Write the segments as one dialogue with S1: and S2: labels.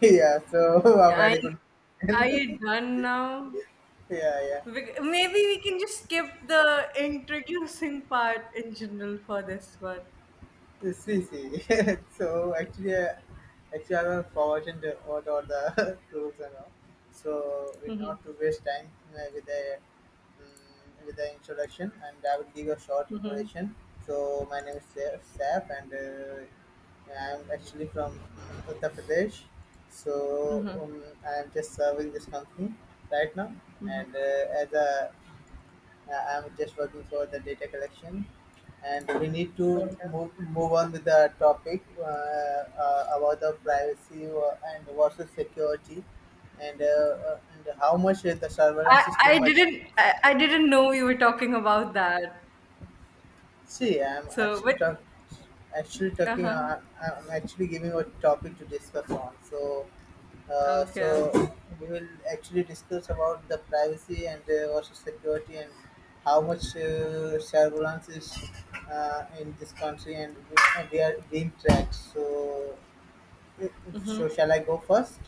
S1: Yeah, so a
S2: Are
S1: very
S2: you,
S1: good
S2: are you
S1: question.
S2: done now?
S1: Yeah,
S2: Maybe we can just skip the introducing part in general for this one.
S1: yeah. See, see. So actually, I was forgotten what are the rules and all. So we
S2: Mhm,
S1: not to waste time with the introduction, and I will give a short
S2: mhm,
S1: introduction. So my name is Saf, and I'm actually from Uttar Pradesh. So
S2: mhm.
S1: I'm just serving this company right now, and as a I'm just working for the data collection, and we need to
S2: Okay.
S1: move on with the topic about the privacy and versus security, and how much the
S2: I,
S1: surveillance is too
S2: I
S1: much.
S2: didn't I, I didn't know we were talking about that.
S1: See, I'm
S2: So but
S1: actually
S2: Uh
S1: talking.
S2: huh.
S1: I'm actually giving a topic to discuss on. So, uh,
S2: Okay.
S1: so we will actually discuss about the privacy and also security and how much surveillance is in this country and, and they are being tracked. So, uh, so
S2: Mm-hmm.
S1: shall I go first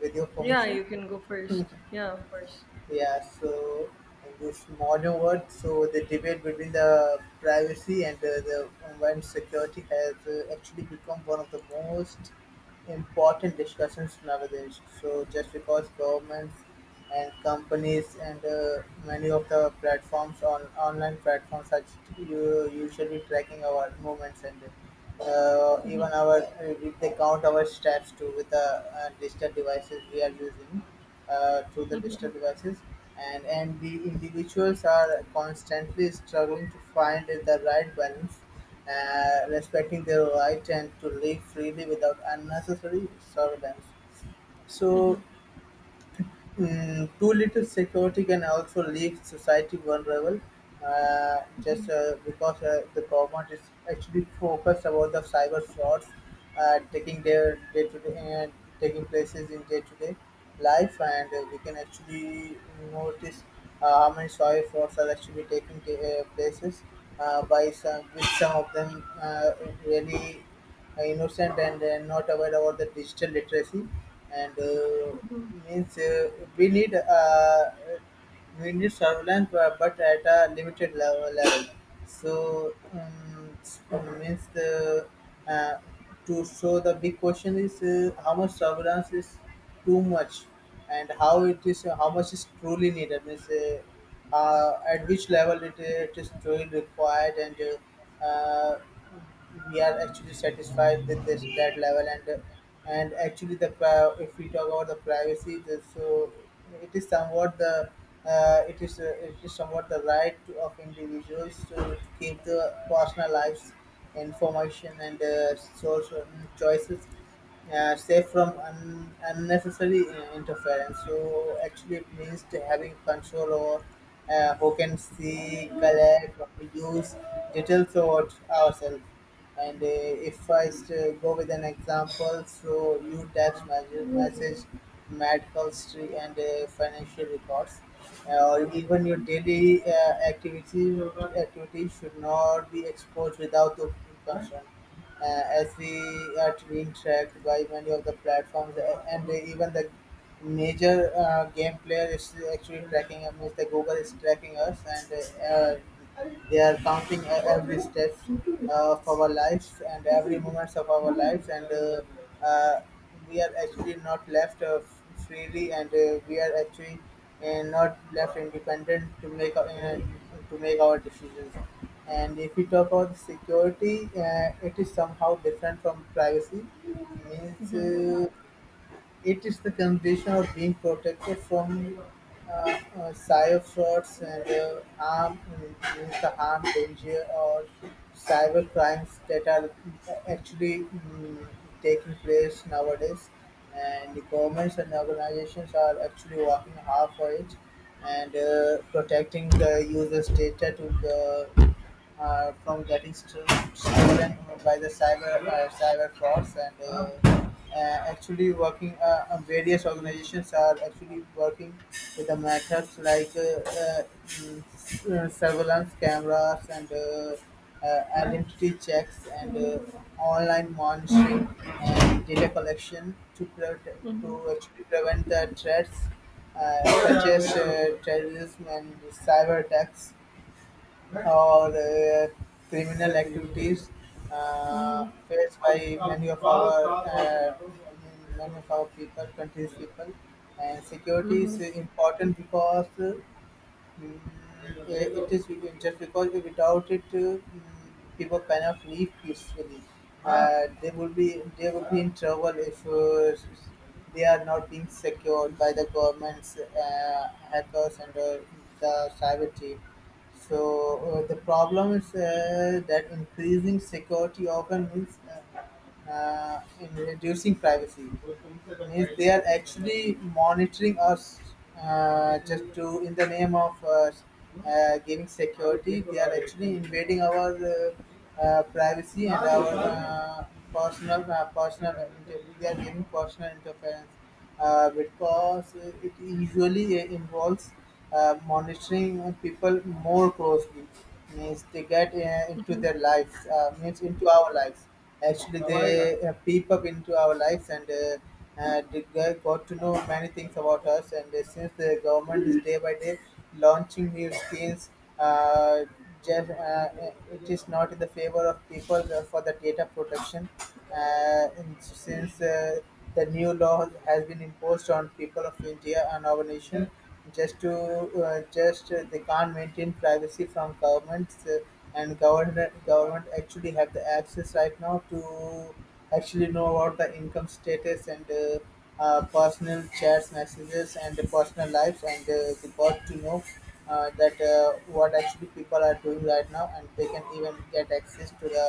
S1: with your
S2: Yeah,
S1: permission?
S2: you can go first. Yeah, of course.
S1: Yeah, so in this modern world, so the debate between the privacy and the online security has actually become one of the most important discussions nowadays. So just because governments and companies and many of the platforms on online platforms are usually tracking our movements and even
S2: Mhm,
S1: our if they count our steps too with the digital devices we are using through the digital
S2: mhm,
S1: devices and the individuals are constantly struggling to find the right balance respecting their right and to live freely without unnecessary surveillance. So
S2: mhm,
S1: Too little security can also leave society vulnerable, just
S2: mhm,
S1: because the government is actually focused about the cyber frauds taking their day to day and taking places in day to day life, and we can actually notice how many cyber frauds are actually places by some with some of them really innocent and not aware about the digital literacy, and
S2: mhm,
S1: means we need surveillance but at a limited level. so um, s- Means the, uh, to so the big question is how much surveillance is too much and how it is, how much is truly needed. Means at which level it is truly required and uh, we are actually satisfied with this that level, and actually if we talk about the privacy so it is somewhat the right to, of individuals to keep the personal lives information and social choices safe from unnecessary interference. So actually, it means to having control over who can see, collect, use details about ourselves. And if I go with an example, so you text message medical history and financial records, or even your daily activities activities should not be exposed without the consent, as we are being tracked by many of the platforms, and even the major game player is actually tracking us. The Google is tracking us, and they are counting every step of our lives and every moments of our lives, and uh, we are actually not left freely, and we are actually not left independent to make our decisions. And if we talk about security, it is somehow different from privacy. Means
S2: mhm,
S1: it is the condition of being protected from cyberfrauds and harm. Means the harm, danger, or cyber crimes that are actually, taking place nowadays. And the governments and organizations are actually working hard for it and protecting the users' data to the, from getting stolen by the cyber frauds, and actually working various organizations are actually working with the methods like surveillance cameras and identity checks and online monitoring and data collection to
S2: mhm,
S1: actually prevent the threats, such as terrorism and cyber attacks or criminal activities
S2: mhm,
S1: faced by many of our, people, countries people. And security is
S2: mhm,
S1: important because, it is just because if without it, mm, people cannot live peacefully. Uh, they would be they would be in trouble if they are not being secured by the government's, uh, hackers and the cyber team. So the problem is that increasing security often means, in reducing privacy. Means they are actually monitoring us, just to in the name of giving security, they are actually invading our, privacy and our, they are giving personal interference, because it usually involves monitoring people more closely. Means they get into
S2: mhm.
S1: their lives, means into our lives, actually they peep up into our lives, and they got to know many things about us, and since the government is day by day launching new schemes, uh, just, uh, it is not in the favor of people for the data protection, and since the new law has been imposed on people of India and our nation, just to, just they can't maintain privacy from governments, and government actually have the access right now to actually know about the income status, and personal chats messages and the personal lives, and they got to know that what actually people are doing right now, and they can even get access to the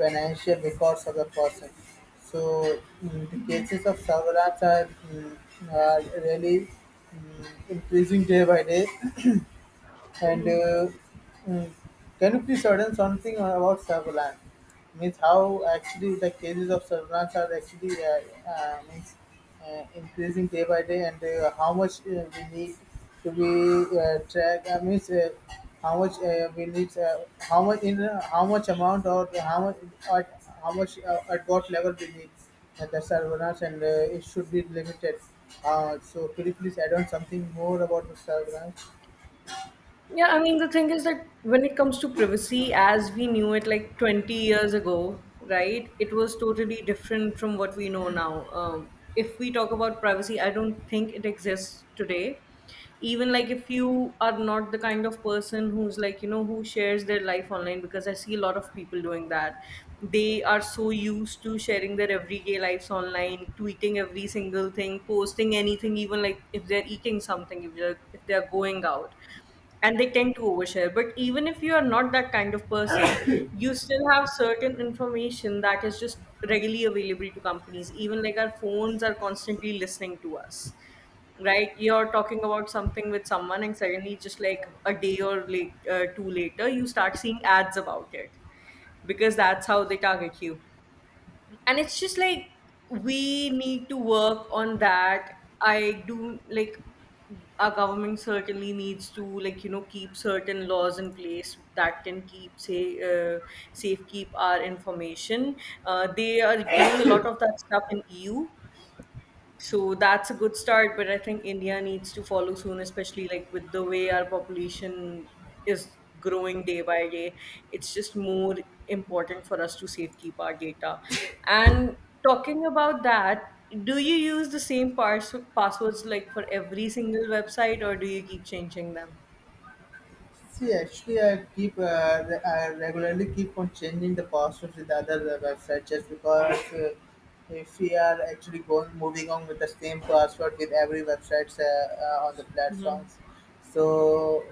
S1: financial records of the person. So the cases of cyber rats are, are really increasing day by day. And mm, can you please add in something about surveillance? Means how actually the cases of surveillance are actually, means increasing day by day, and how much we need to be track. Means how much we need, how much amount or how much at how much, at what level we need the surveillance, and it should be limited. So could you please add on something more about the Servalan?
S2: Yeah, I mean, the thing is that when it comes to privacy, as we knew it like 20 years ago, right, it was totally different from what we know now. If we talk about privacy, I don't think it exists today. Even like if you are not the kind of person who's like, who shares their life online, because I see a lot of people doing that. They are so used to sharing their everyday lives online, tweeting every single thing, posting anything, even like if they're eating something, if they're going out, and they tend to overshare. But even if you are not that kind of person, you still have certain information that is just readily available to companies. Even like, our phones are constantly listening to us. Right, you're talking about something with someone and suddenly just like a day or late two later you start seeing ads about it, because that's how they target you. And it's just like, we need to work on that. I do like our government certainly needs to like keep certain laws in place that can keep say uh, safe, keep our information. They are doing a lot of that stuff in EU, so that's a good start, but I think India needs to follow soon, especially like with the way our population is growing day by day. It's just more important for us to safekeep our data. And talking about that, do you use the same passwords like for every single website, or do you keep changing them?
S1: See, actually, I keep I regularly keep on changing the password with other websites, just because if we are actually going moving on with the same password with every websites on the
S2: Hmm.
S1: platforms, so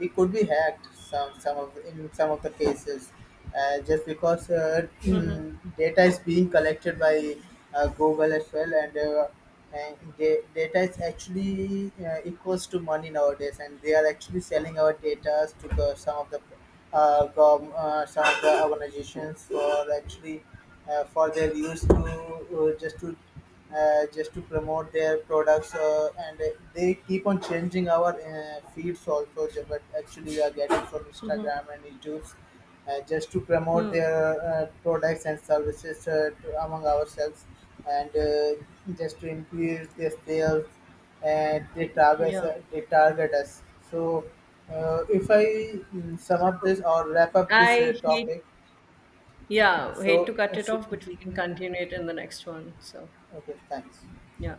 S1: we could be hacked some of the cases, just because
S2: Hmm.
S1: data is being collected by Google as well and data is actually equals to money nowadays, and they are actually selling our data to the, some of the gov- some of the organizations, for actually for their use, to just to just to promote their products, and they keep on changing our feeds also, but actually we are getting from Instagram and YouTube, just to promote
S2: Hmm.
S1: their products and services, among ourselves, and just to increase their sales, and
S2: Yeah.
S1: they target us. So if I sum up this
S2: So
S1: or wrap up this
S2: I hate,
S1: topic,
S2: yeah, hate to
S1: so
S2: cut it off, but we can continue it in the next one. So,
S1: okay, thanks.
S2: yeah.